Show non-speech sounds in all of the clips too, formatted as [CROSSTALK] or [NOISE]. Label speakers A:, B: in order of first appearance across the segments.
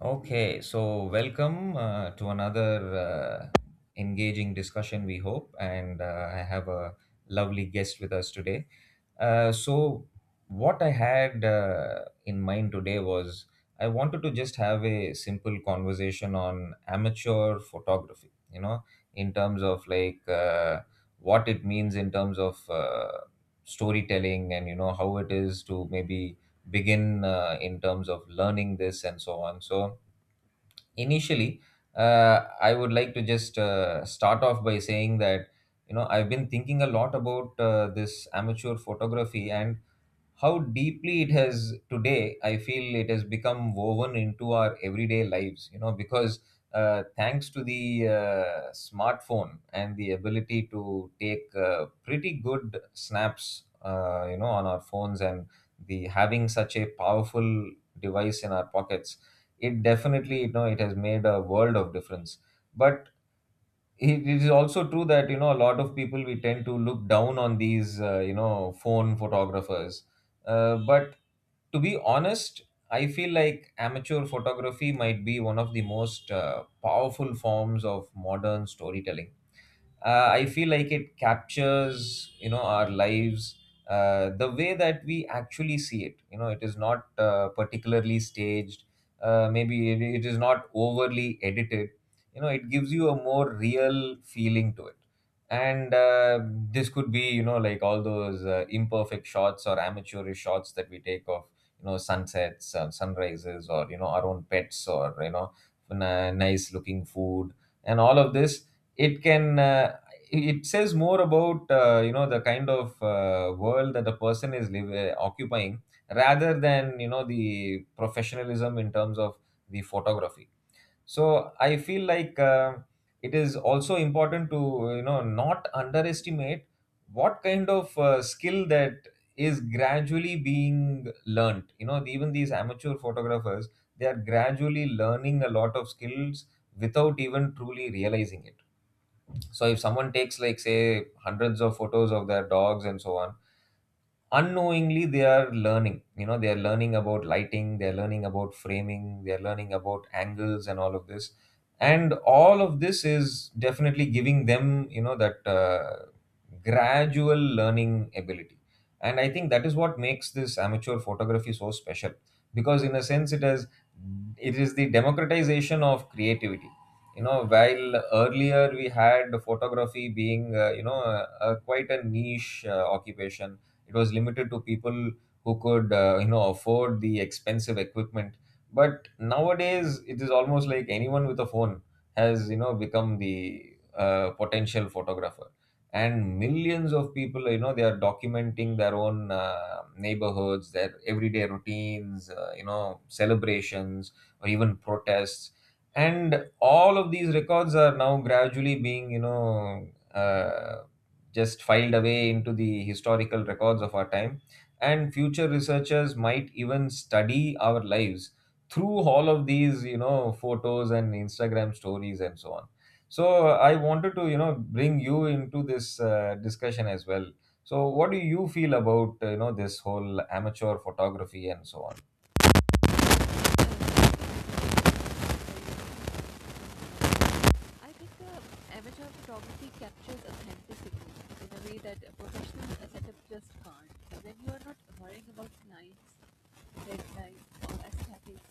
A: Okay, so welcome to another engaging discussion, we hope. And I have a lovely guest with us today. Uh, so, what I had in mind today was I wanted to just have a simple conversation on amateur photography, you know, in terms of what it means in terms of storytelling and, how it is to maybe begin in terms of learning this and so on. So, initially uh, I would like to just start off by saying that you know I've been thinking a lot about this amateur photography and how deeply it has today I feel it has become woven into our everyday lives you know because thanks to the smartphone and the ability to take pretty good snaps you know on our phones and the having such a powerful device in our pockets, it definitely you know it has made a world of difference. But it is also true that you know a lot of people we tend to look down on these you know phone photographers, but to be honest I feel like amateur photography might be one of the most powerful forms of modern storytelling. I feel like it captures you know our lives the way that we actually see it. You know, it is not particularly staged, maybe it is not overly edited. You know, it gives you a more real feeling to it. And This could be you know like all those imperfect shots or amateurish shots that we take of you know sunsets, sunrises, or you know our own pets, or you know nice looking food. And all of this, it can uh, it says more about you know the kind of world that the person is occupying, rather than you know the professionalism in terms of the photography. So I feel like it is also important to you know not underestimate what kind of skill that is gradually being learnt. You know, even these amateur photographers, they are gradually learning a lot of skills without even truly realizing it. So if someone takes like say hundreds of photos of their dogs and so on, unknowingly they are learning. You know, they are learning about lighting, they are learning about framing, they are learning about angles, and all of this. And all of this is definitely giving them you know that gradual learning ability. And I think that is what makes this amateur photography so special, because in a sense it is the democratization of creativity. You know, while earlier we had photography being you know a quite a niche occupation. It was limited to people who could, you know, afford the expensive equipment. But nowadays, it is almost like anyone with a phone has, you know, become the potential photographer. And millions of people, you know, they are documenting their own neighborhoods, their everyday routines, you know, celebrations, or even protests, and all of these records are now gradually being you know uh, just filed away into the historical records of our time. And future researchers might even study our lives through all of these, you know, photos and Instagram stories and so on. So I wanted to, you know, bring you into this discussion as well. So what do you feel about, you know, this whole amateur photography and so on?
B: I think the amateur photography captures authenticity in a way that a professional setup just can't. When you are not worrying about lights, deadlines, or aesthetics,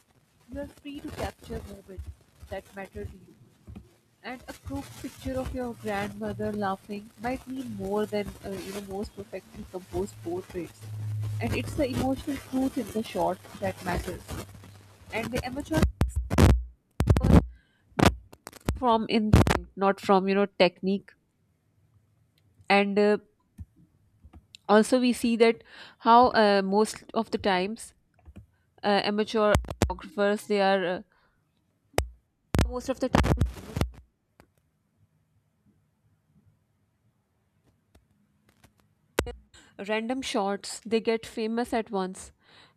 B: you are free to capture moments that matter to you. And a group picture of your grandmother laughing might mean more than most perfectly composed portraits. And it's the emotional truth in the shot that matters. And the amateur from instinct, not from technique. And also we see that how most of the times, amateur photographers, they are, most of the time, random shots, they get famous at once.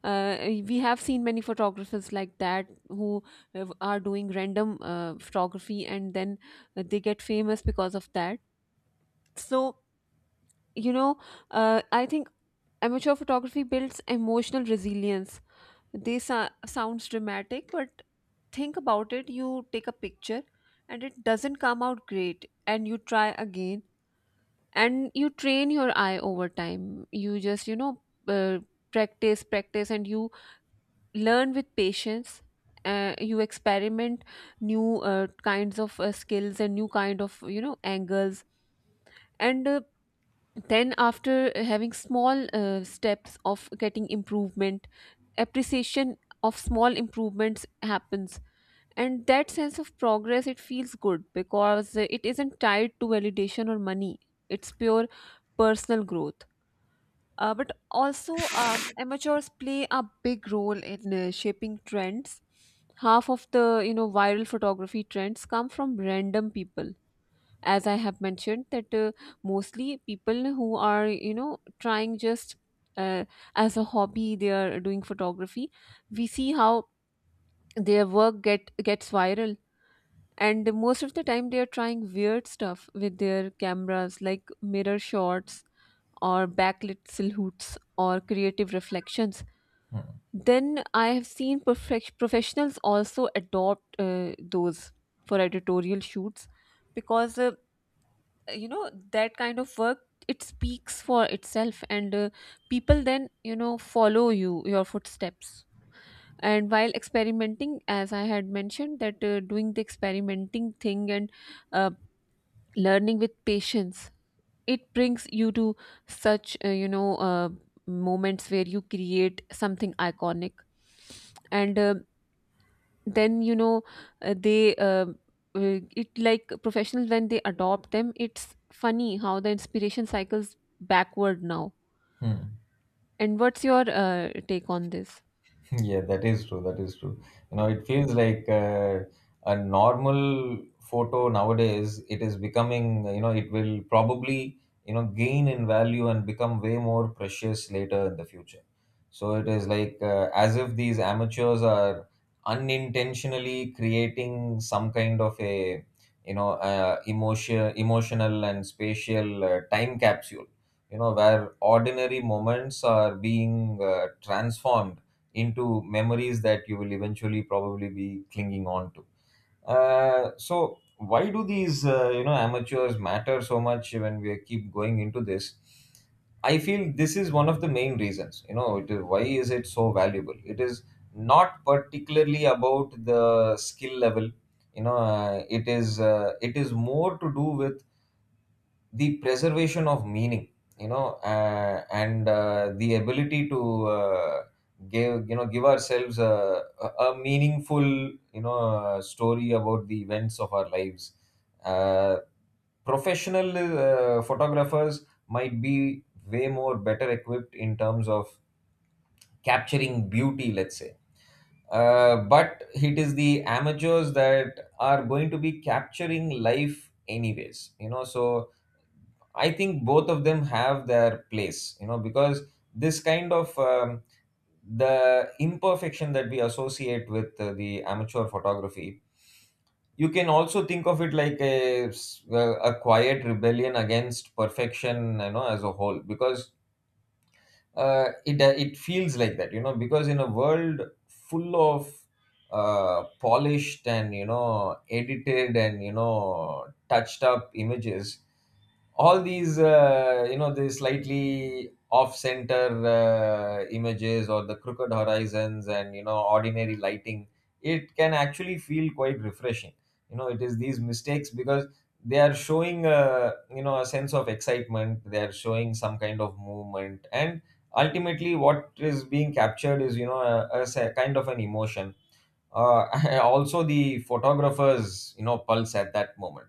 B: uh, we have seen many photographers like that who are doing random photography, and then they get famous because of that. so you know I think amateur photography builds emotional resilience. They sa- sounds dramatic, but think about it. You take a picture and it doesn't come out great, and you try again, and you train your eye over time. You just you know uh, practice, and you learn with patience. You experiment new kinds of skills and new kind of angles. And then, after having small steps of getting improvement, appreciation of small improvements happens. And that sense of progress, it feels good, because it isn't tied to validation or money. It's pure personal growth. But also, amateurs play a big role in shaping trends. Half of the viral photography trends come from random people. As I have mentioned, that mostly people who are, you know, trying just, uh, as a hobby, they are doing photography. We see how their work get gets viral, and most of the time they are trying weird stuff with their cameras, like mirror shots or backlit silhouettes or creative reflections. Then I have seen professionals also adopt those for editorial shoots, because that kind of work, it speaks for itself. And people then, you know, follow your footsteps. And while experimenting, as I had mentioned, that doing the experimenting thing and uh, learning with patience, it brings you to such, moments where you create something iconic. And then you know they it like professionals, when they adopt them, it's funny how the inspiration cycles backward now.
A: Hmm.
B: And what's your take on this?
A: [LAUGHS] Yeah, that is true. That is true. You know, it feels like a normal photo nowadays, it is becoming, you know, it will probably, you know, gain in value and become way more precious later in the future. So it is like as if these amateurs are unintentionally creating some kind of a, you know, emotional and spatial time capsule, you know, where ordinary moments are being transformed into memories that you will eventually probably be clinging on to. So why do these you know amateurs matter so much when we keep going into this? I feel this is one of the main reasons. You know, it is why is it so valuable? It is not particularly about the skill level. You know, it is more to do with the preservation of meaning, you know, and the ability to give you know give ourselves a meaningful you know story about the events of our lives. uh, Professional photographers might be way more better equipped in terms of capturing beauty let's say, but it is the amateurs that are going to be capturing life anyways, you know. So I think both of them have their place, you know, because this kind of the imperfection that we associate with the amateur photography, you can also think of it like a, s- a quiet rebellion against perfection, you know, as a whole. Because it feels like that, you know, because in a world full of polished and you know edited and you know touched up images, all these you know the slightly off center images or the crooked horizons and you know ordinary lighting, it can actually feel quite refreshing. You know, it is these mistakes, because they are showing you know a sense of excitement, they are showing some kind of movement, and ultimately what is being captured is you know kind of an emotion, uh, [LAUGHS] also the photographer's you know pulse at that moment.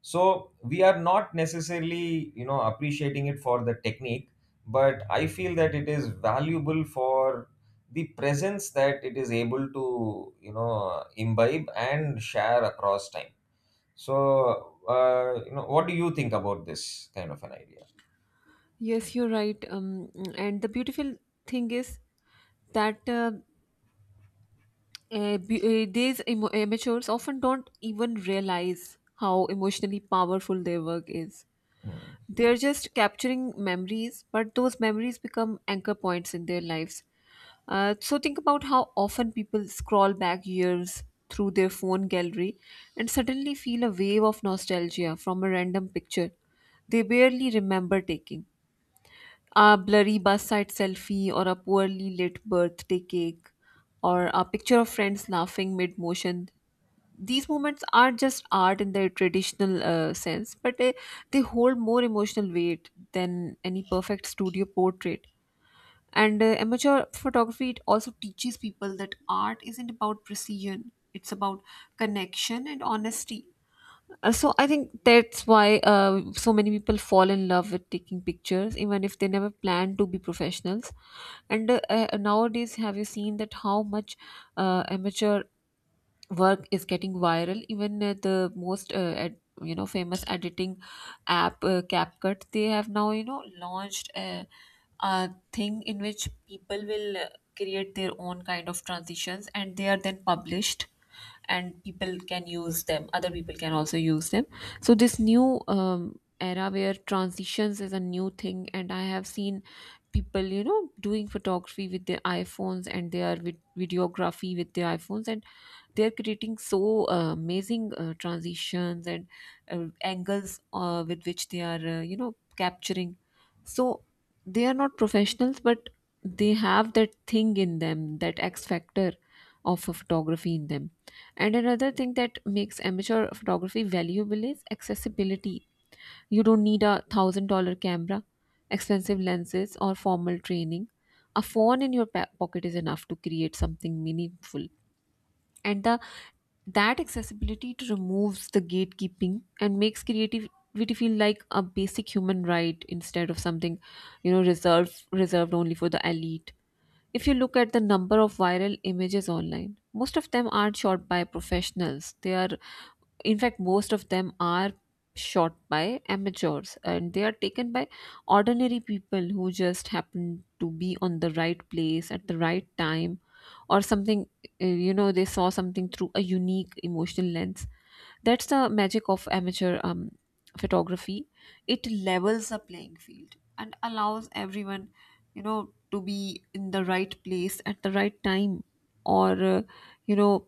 A: So we are not necessarily you know appreciating it for the technique, but I feel that it is valuable for the presence that it is able to you know imbibe and share across time. So you know what do you think about this kind of an idea?
B: Yes, you're right. And the beautiful thing is that bu- these I amateurs often don't even realize how emotionally powerful their work is.
A: Hmm.
B: They're just capturing memories, but those memories become anchor points in their lives. So think about how often people scroll back years through their phone gallery and suddenly feel a wave of nostalgia from a random picture they barely remember taking. A blurry bus side selfie, or a poorly lit birthday cake, or a picture of friends laughing mid motion, these moments aren't just art in their traditional sense, but they hold more emotional weight than any perfect studio portrait. And amateur photography, it also teaches people that art isn't about precision; it's about connection and honesty. So I think that's why so many people fall in love with taking pictures, even if they never plan to be professionals. And nowadays, have you seen that how much amateur work is getting viral? Even the most ad, you know, famous editing app, CapCut, they have now, you know, a thing in which people will create their own kind of transitions, and they are then published, and people can use them. Other people can also use them. So this new, era where transitions is a new thing, and I have seen people, you know, doing photography with their iPhones, and they are videography with their iPhones, and they're creating so amazing transitions and angles with which they are, you know, capturing. So they are not professionals, but they have that thing in them, that X factor of a photography in them. And another thing that makes amateur photography valuable is accessibility. You don't need a $1000 camera, expensive lenses, or formal training. A phone in your pocket is enough to create something meaningful. And the that accessibility to removes the gatekeeping and makes creativity feel like a basic human right instead of something, you know, reserved only for the elite. If you look at the number of viral images online, most of them aren't shot by professionals. They are, in fact, most of them are shot by amateurs, and they are taken by ordinary people who just happen to be on the right place at the right time, or something. You know, they saw something through a unique emotional lens. That's the magic of amateur, photography. It levels the playing field and allows everyone, you know, to be in the right place at the right time. Or you know,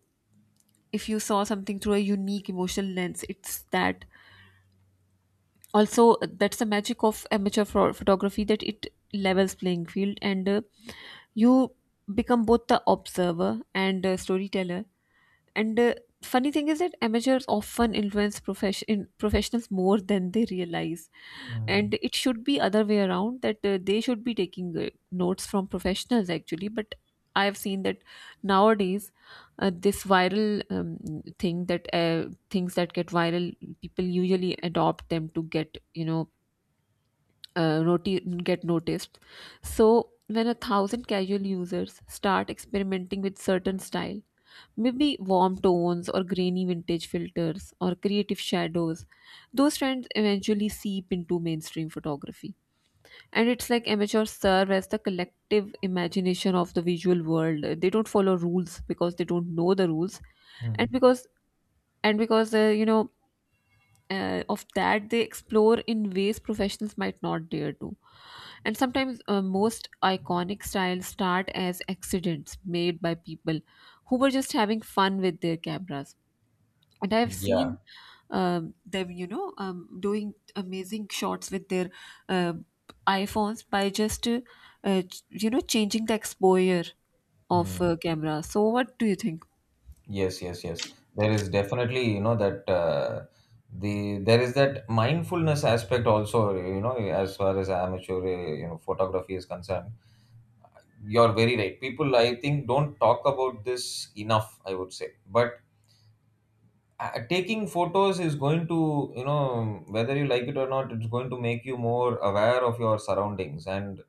B: if you saw something through a unique emotional lens, it's that. Also, that's the magic of amateur photography, that it levels playing field, and you become both the observer and storyteller. And funny thing is that amateurs often influence professionals more than they realize,
A: Hmm.
B: and it should be other way around, that they should be taking notes from professionals, actually. But I have seen that nowadays this viral, thing that, things that get viral, people usually adopt them to get, you know, get noticed. So, when a thousand casual users start experimenting with certain style, maybe warm tones or grainy vintage filters or creative shadows, those trends eventually seep into mainstream photography. And it's like amateurs serve as the collective imagination of the visual world. They don't follow rules because they don't know the rules, and
A: Hmm.
B: because and because of that, they explore in ways professionals might not dare to. And sometimes, most iconic styles start as accidents made by people who were just having fun with their cameras. And I've
A: Yeah.
B: seen, them, you know, doing amazing shots with their uh, iPhones, by just, you know, changing the exposure of camera. So what do you think?
A: Yes, yes, yes. There is definitely, you know, that there is that mindfulness aspect also, you know, as far as amateur, you know, photography is concerned. You're very right. People, I think, don't talk about this enough, I would say. But taking photos is going to, you know, whether you like it or not, it's going to make you more aware of your surroundings, and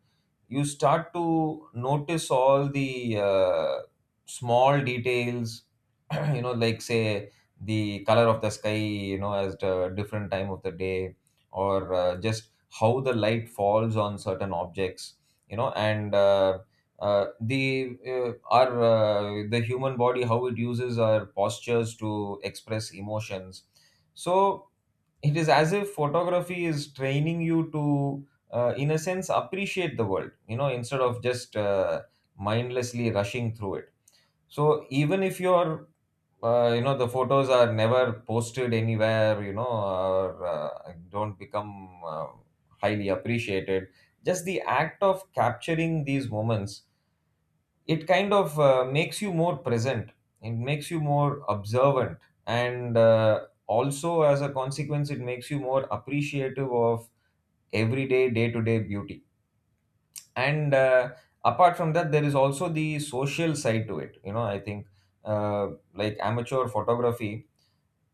A: you start to notice all the small details [CLEARS THROAT] you know like say the color of the sky you know as the different time of the day, or just how the light falls on certain objects, you know. And the our The human body, how it uses our postures to express emotions. So it is as if photography is training you to in a sense appreciate the world, you know, instead of just mindlessly rushing through it. So even if your you know the photos are never posted anywhere, you know, or don't become highly appreciated, just the act of capturing these moments, it kind of makes you more present, it makes you more observant, and also as a consequence it makes you more appreciative of everyday day-to-day beauty. And Apart from that, there is also the social side to it, you know, I think uh, like amateur photography,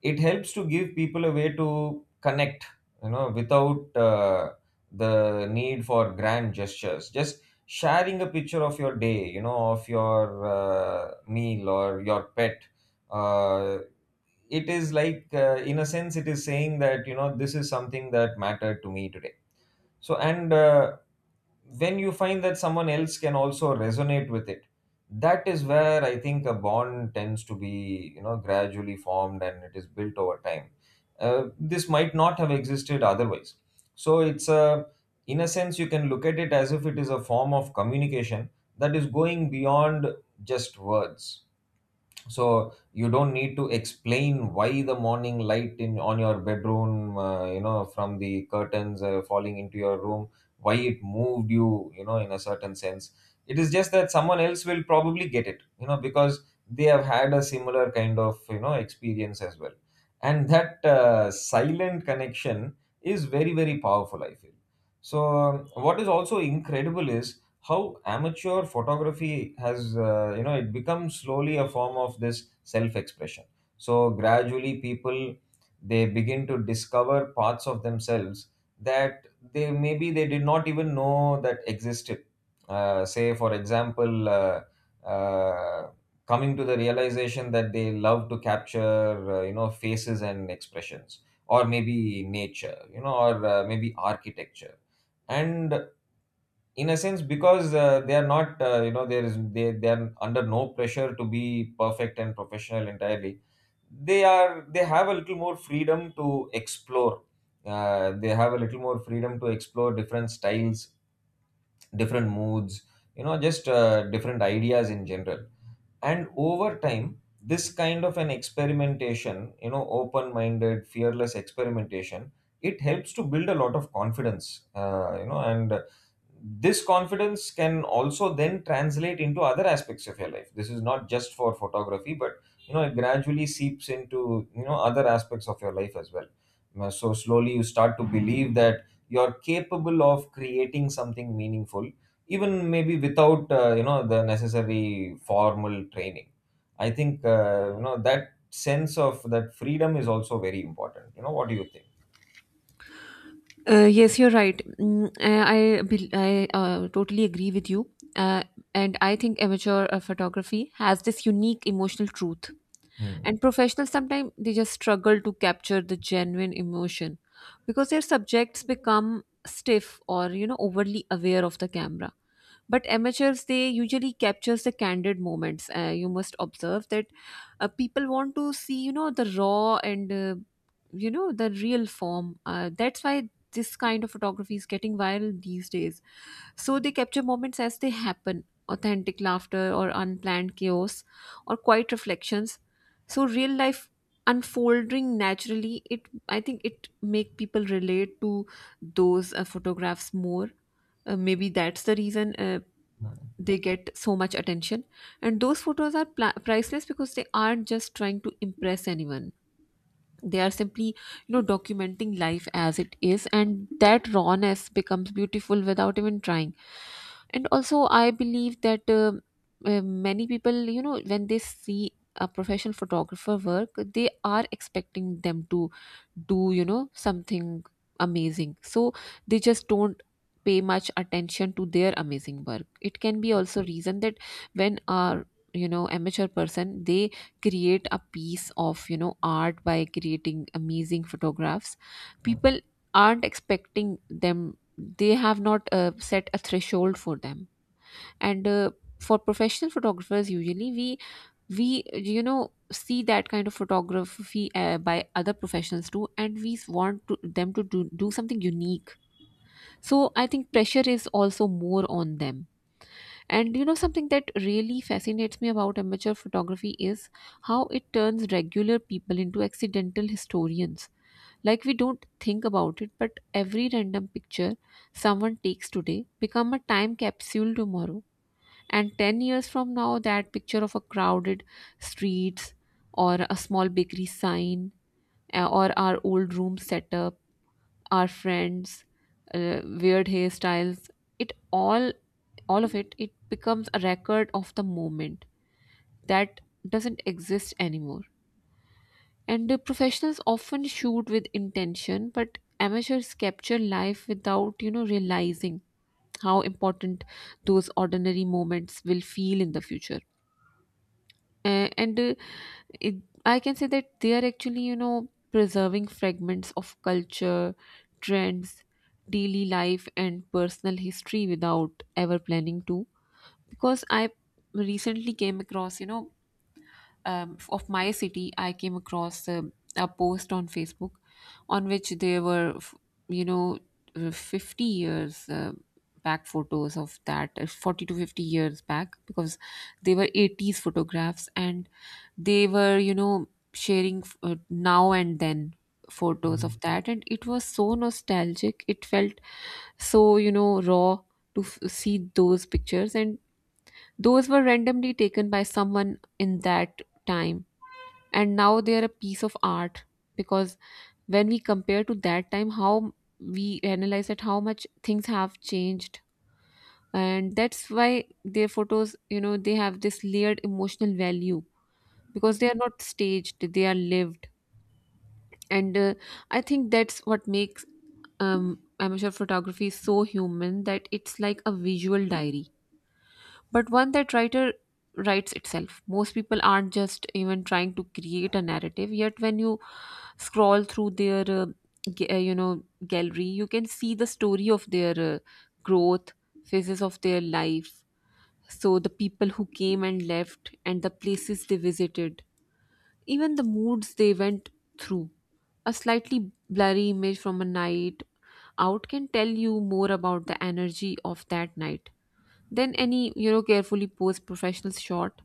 A: it helps to give people a way to connect, you know, without the need for grand gestures. Just sharing a picture of your day, you know, of your meal or your pet, uh, it is like in a sense it is saying that you know this is something that mattered to me today. So and uh, when you find that someone else can also resonate with it, that is where I think a bond tends to be you know gradually formed, and it is built over time. This might not have existed otherwise. So it's a, in a sense you can look at it as if it is a form of communication that is going beyond just words. So you don't need to explain why the morning light in on your bedroom you know from the curtains falling into your room, why it moved you, you know, in a certain sense. It is just that someone else will probably get it, you know, because they have had a similar kind of you know experience as well. And that silent connection is very very powerful, I feel. So what is also incredible is how amateur photography has you know it becomes slowly a form of this self expression. So gradually people, they begin to discover parts of themselves that they maybe they did not even know that existed. Say for example, uh, coming to the realization that they love to capture you know faces and expressions, or Maybe nature, you know, or maybe architecture. And in a sense, because they are not, you know there is they are under no pressure to be perfect and professional entirely. They have a little more freedom to explore. They have a little more freedom to explore different styles, different moods, you know, just different ideas in general. And over time, this kind of an experimentation, you know, open minded, fearless experimentation, it helps to build a lot of confidence, you know. And this confidence can also then translate into other aspects of your life. This is not just for photography, but you know, it gradually seeps into, you know, other aspects of your life as well. So slowly you start to believe that you're capable of creating something meaningful, even maybe without, you know, the necessary formal training. I think, you know, that sense of that freedom is also very important. You know what do you think?
B: Yes, you're right. Mm, I, I totally agree with you. Uh, and I think amateur photography has this unique emotional truth. And professionals sometimes, they just struggle to capture the genuine emotion because their subjects become stiff or, you know, overly aware of the camera. But amateurs, they usually captures the candid moments. You must observe that, people want to see, you know, the raw and, you know, the real form. That's why this kind of photography is getting viral these days. So they capture moments as they happen, authentic laughter or unplanned chaos or quiet reflections. So real life unfolding naturally, it I think it make people relate to those photographs more. Maybe that's the reason they get so much attention. And those photos are priceless because they aren't just trying to impress anyone. They are simply, you know, documenting life as it is, and that rawness becomes beautiful without even trying. And also I believe that, many people, you know, when they see a professional photographer work, they are expecting them to do, you know, something amazing. So they just don't pay much attention to their amazing work. It can be also reason that when our, you know, amateur person, they create a piece of, you know, art by creating amazing photographs, people aren't expecting them. They have not, set a threshold for them. And for professional photographers, usually we, you know, see that kind of photography by other professionals too, and we want to, them to do something unique. So I think pressure is also more on them. And you know, something that really fascinates me about amateur photography is how it turns regular people into accidental historians. Like, we don't think about it, but every random picture someone takes today become a time capsule tomorrow. And 10 years from now, that picture of a crowded streets, or a small bakery sign, or our old room setup, our friends, weird hairstyles, it all, all of it, it becomes a record of the moment that doesn't exist anymore. And the professionals often shoot with intention, but amateurs capture life without, you know, realizing how important those ordinary moments will feel in the future. Uh, and uh, it, I can say that they are actually, you know, preserving fragments of culture, trends, daily life, and personal history without ever planning to. Because I recently came across, of my city, I came across a post on Facebook on which there were, you know, 50 years back photos of that, 40 to 50 years back, because they were 80s photographs and they were, sharing now and then photos
A: Hmm.
B: of that. And it was so nostalgic. It felt so, raw to see those pictures. And those were randomly taken by someone in that time, and now they are a piece of art, because when we compare to that time, how we analyze that, how much things have changed. And that's why their photos, they have this layered emotional value, because they are not staged, they are lived. And I think that's what makes um amateur photography so human, that it's like a visual diary, but one that writer writes itself. Most people aren't just even trying to create a narrative. Yet when you scroll through their gallery, you can see the story of their growth, phases of their life. So the people who came and left, and the places they visited, even the moods they went through. A slightly blurry image from a night out can tell you more about the energy of that night than any, carefully posed professional shot.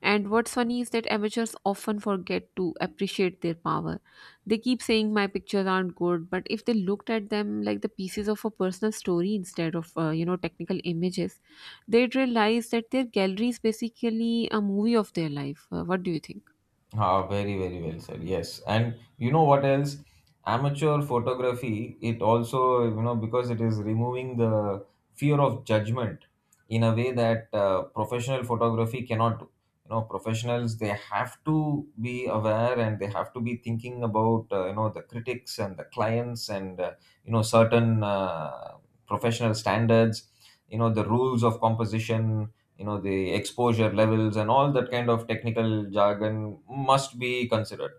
B: And what's funny is that amateurs often forget to appreciate their power. They keep saying my pictures aren't good, but if they looked at them like the pieces of a personal story instead of, technical images, they'd realize that their gallery is basically a movie of their life. What do you think?
A: Ah, very, very well said. Yes. And you know what else? Amateur photography, it also, you know, because it is removing the fear of judgment in a way that professional photography cannot do. You know, professionals, they have to be aware and they have to be thinking about, you know, the critics and the clients, and, you know, certain professional standards, you know, the rules of composition, you know, the exposure levels, and all that kind of technical jargon must be considered.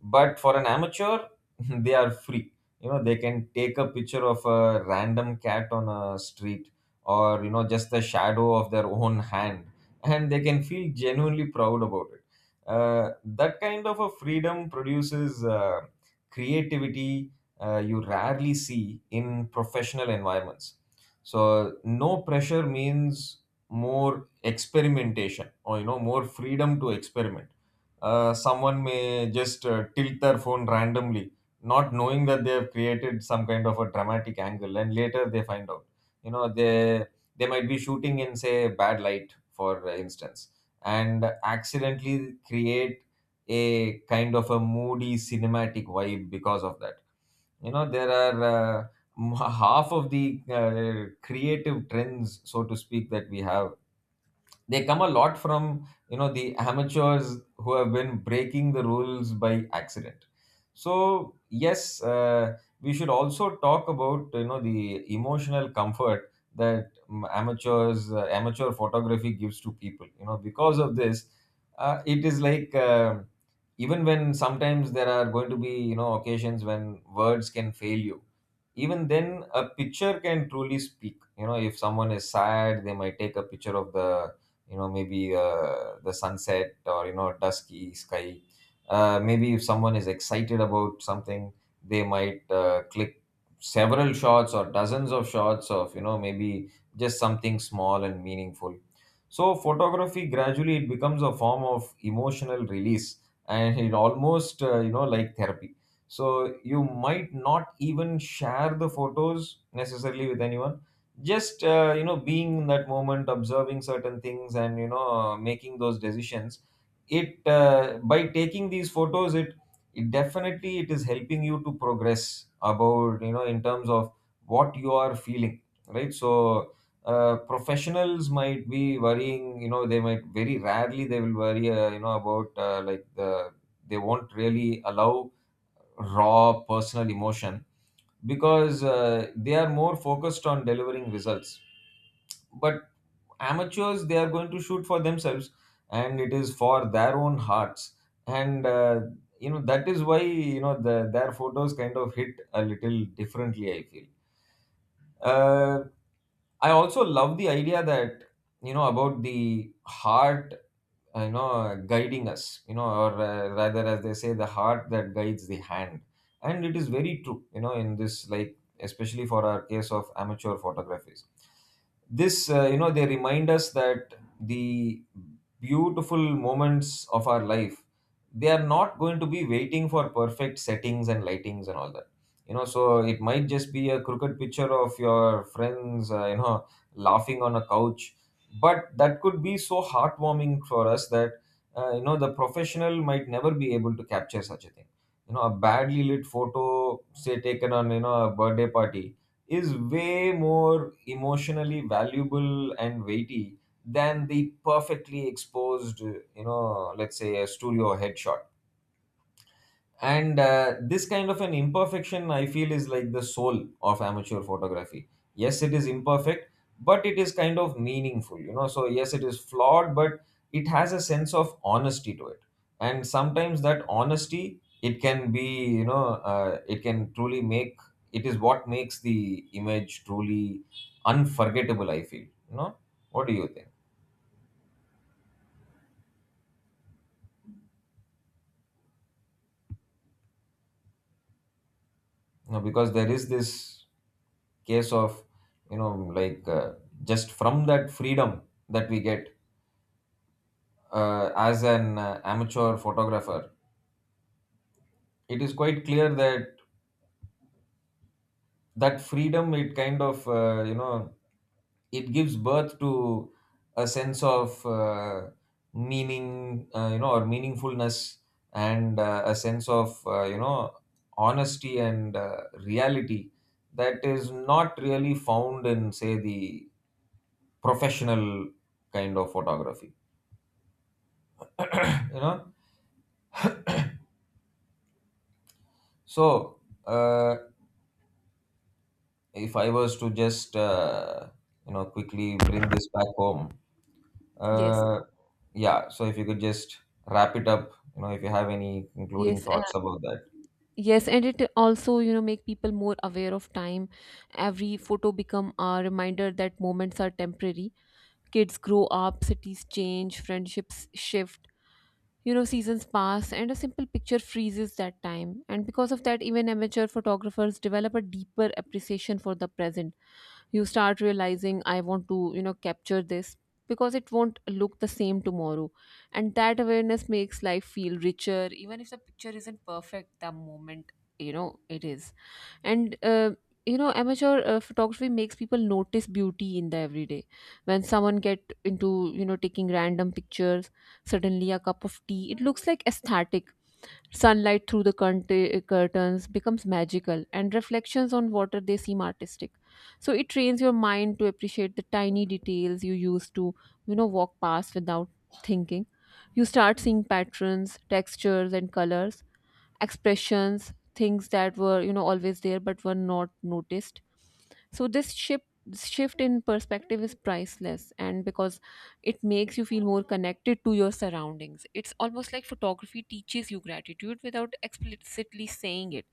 A: But for an amateur, [LAUGHS] they are free. You know, they can take a picture of a random cat on a street, or you know, just the shadow of their own hand, [LAUGHS] and they can feel genuinely proud about it. That kind of a freedom produces creativity you rarely see in professional environments. So no pressure means more experimentation, or you know, more freedom to experiment. Someone may just tilt their phone randomly, not knowing that they have created some kind of a dramatic angle, and later they find out. You know, they might be shooting in say bad light, for instance, and accidentally create a kind of a moody cinematic vibe because of that. You know, there are, half of the creative trends, so to speak, that we have, they come a lot from, you know, the amateurs who have been breaking the rules by accident. So yes, we should also talk about, you know, the emotional comfort that amateur photography gives to people, you know, because of this, it is like, even when sometimes there are going to be, you know, occasions when words can fail you, even then a picture can truly speak. You know, if someone is sad, they might take a picture of the, you know, maybe the sunset, or you know, dusky sky. Maybe if someone is excited about something, they might click several shots or dozens of shots of, you know, maybe just something small and meaningful. So photography gradually, it becomes a form of emotional release, and it almost, you know, like therapy. So you might not even share the photos necessarily with anyone, just, you know, being in that moment, observing certain things, and you know, making those decisions. It By taking these photos, it definitely, it is helping you to progress about, you know, in terms of what you are feeling, right? So professionals might be worrying, you know, they might, very rarely they will worry, you know, about, they won't really allow raw personal emotion, because they are more focused on delivering results. But amateurs, they are going to shoot for themselves, and it is for their own hearts. And you know, that is why, you know, their photos kind of hit a little differently, I feel. uh, I also love the idea that, you know, about the heart you know, guiding us, you know, or rather, as they say, the heart that guides the hand. And it is very true, you know, in this, like especially for our case of amateur photographies. This You know, they remind us that the beautiful moments of our life, they are not going to be waiting for perfect settings and lightings and all that. You know, so it might just be a crooked picture of your friends, you know, laughing on a couch, but that could be so heartwarming for us that, you know, the professional might never be able to capture such a thing. You know, a badly lit photo, say taken on, you know, a birthday party, is way more emotionally valuable and weighty than the perfectly exposed, you know, let's say, a studio headshot. And this kind of an imperfection, I feel, is like the soul of amateur photography. Yes, it is imperfect, but it is kind of meaningful, you know. So yes, it is flawed, but it has a sense of honesty to it. And sometimes that honesty, it can be, you know uh, it can truly make it is what makes the image truly unforgettable, I feel, you know. What do you think? You know, because there is this case of, you know, just from that freedom that we get as an amateur photographer, it is quite clear that that freedom, it kind of, you know, it gives birth to a sense of meaning, you know, or meaningfulness, and a sense of, you know, honesty and reality that is not really found in, say, the professional kind of photography, you know. So uh, if I was to just, you know, quickly bring this back home,
B: Yes.
A: uh, yeah, so if you could just wrap it up, you know, if you have any concluding
B: Yes,
A: thoughts about that.
B: yes, and it also, make people more aware of time. Every photo become a reminder that moments are temporary. Kids grow up, cities change, friendships shift, seasons pass, and a simple picture freezes that time. And because of that, even amateur photographers develop a deeper appreciation for the present. You start realizing, I want to, capture this because it won't look the same tomorrow. And that awareness makes life feel richer, even if the picture isn't perfect the moment, it is. And you know amateur photography makes people notice beauty in the everyday. When someone get into taking random pictures, suddenly a cup of tea it looks like aesthetic, sunlight through the curtains becomes magical, and reflections on water they seem artistic. So it trains your mind to appreciate the tiny details you used to, walk past without thinking. You start seeing patterns, textures and colors, expressions, things that were, always there but were not noticed. So this shift in perspective is priceless, and because it makes you feel more connected to your surroundings, it's almost like photography teaches you gratitude without explicitly saying it.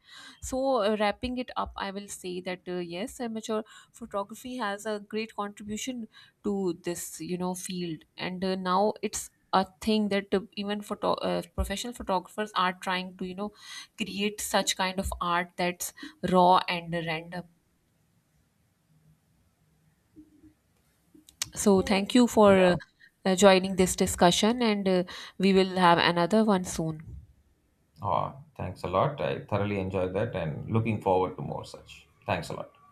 B: So wrapping it up, I will say that yes, amateur photography has a great contribution to this, field. And now it's a thing that even photo professional photographers are trying to, create such kind of art that's raw and random. So, thank you for
A: Yeah.
B: joining this discussion, and we will have another one soon.
A: Oh, thanks a lot. I thoroughly enjoyed that, and looking forward to more such. Thanks a lot.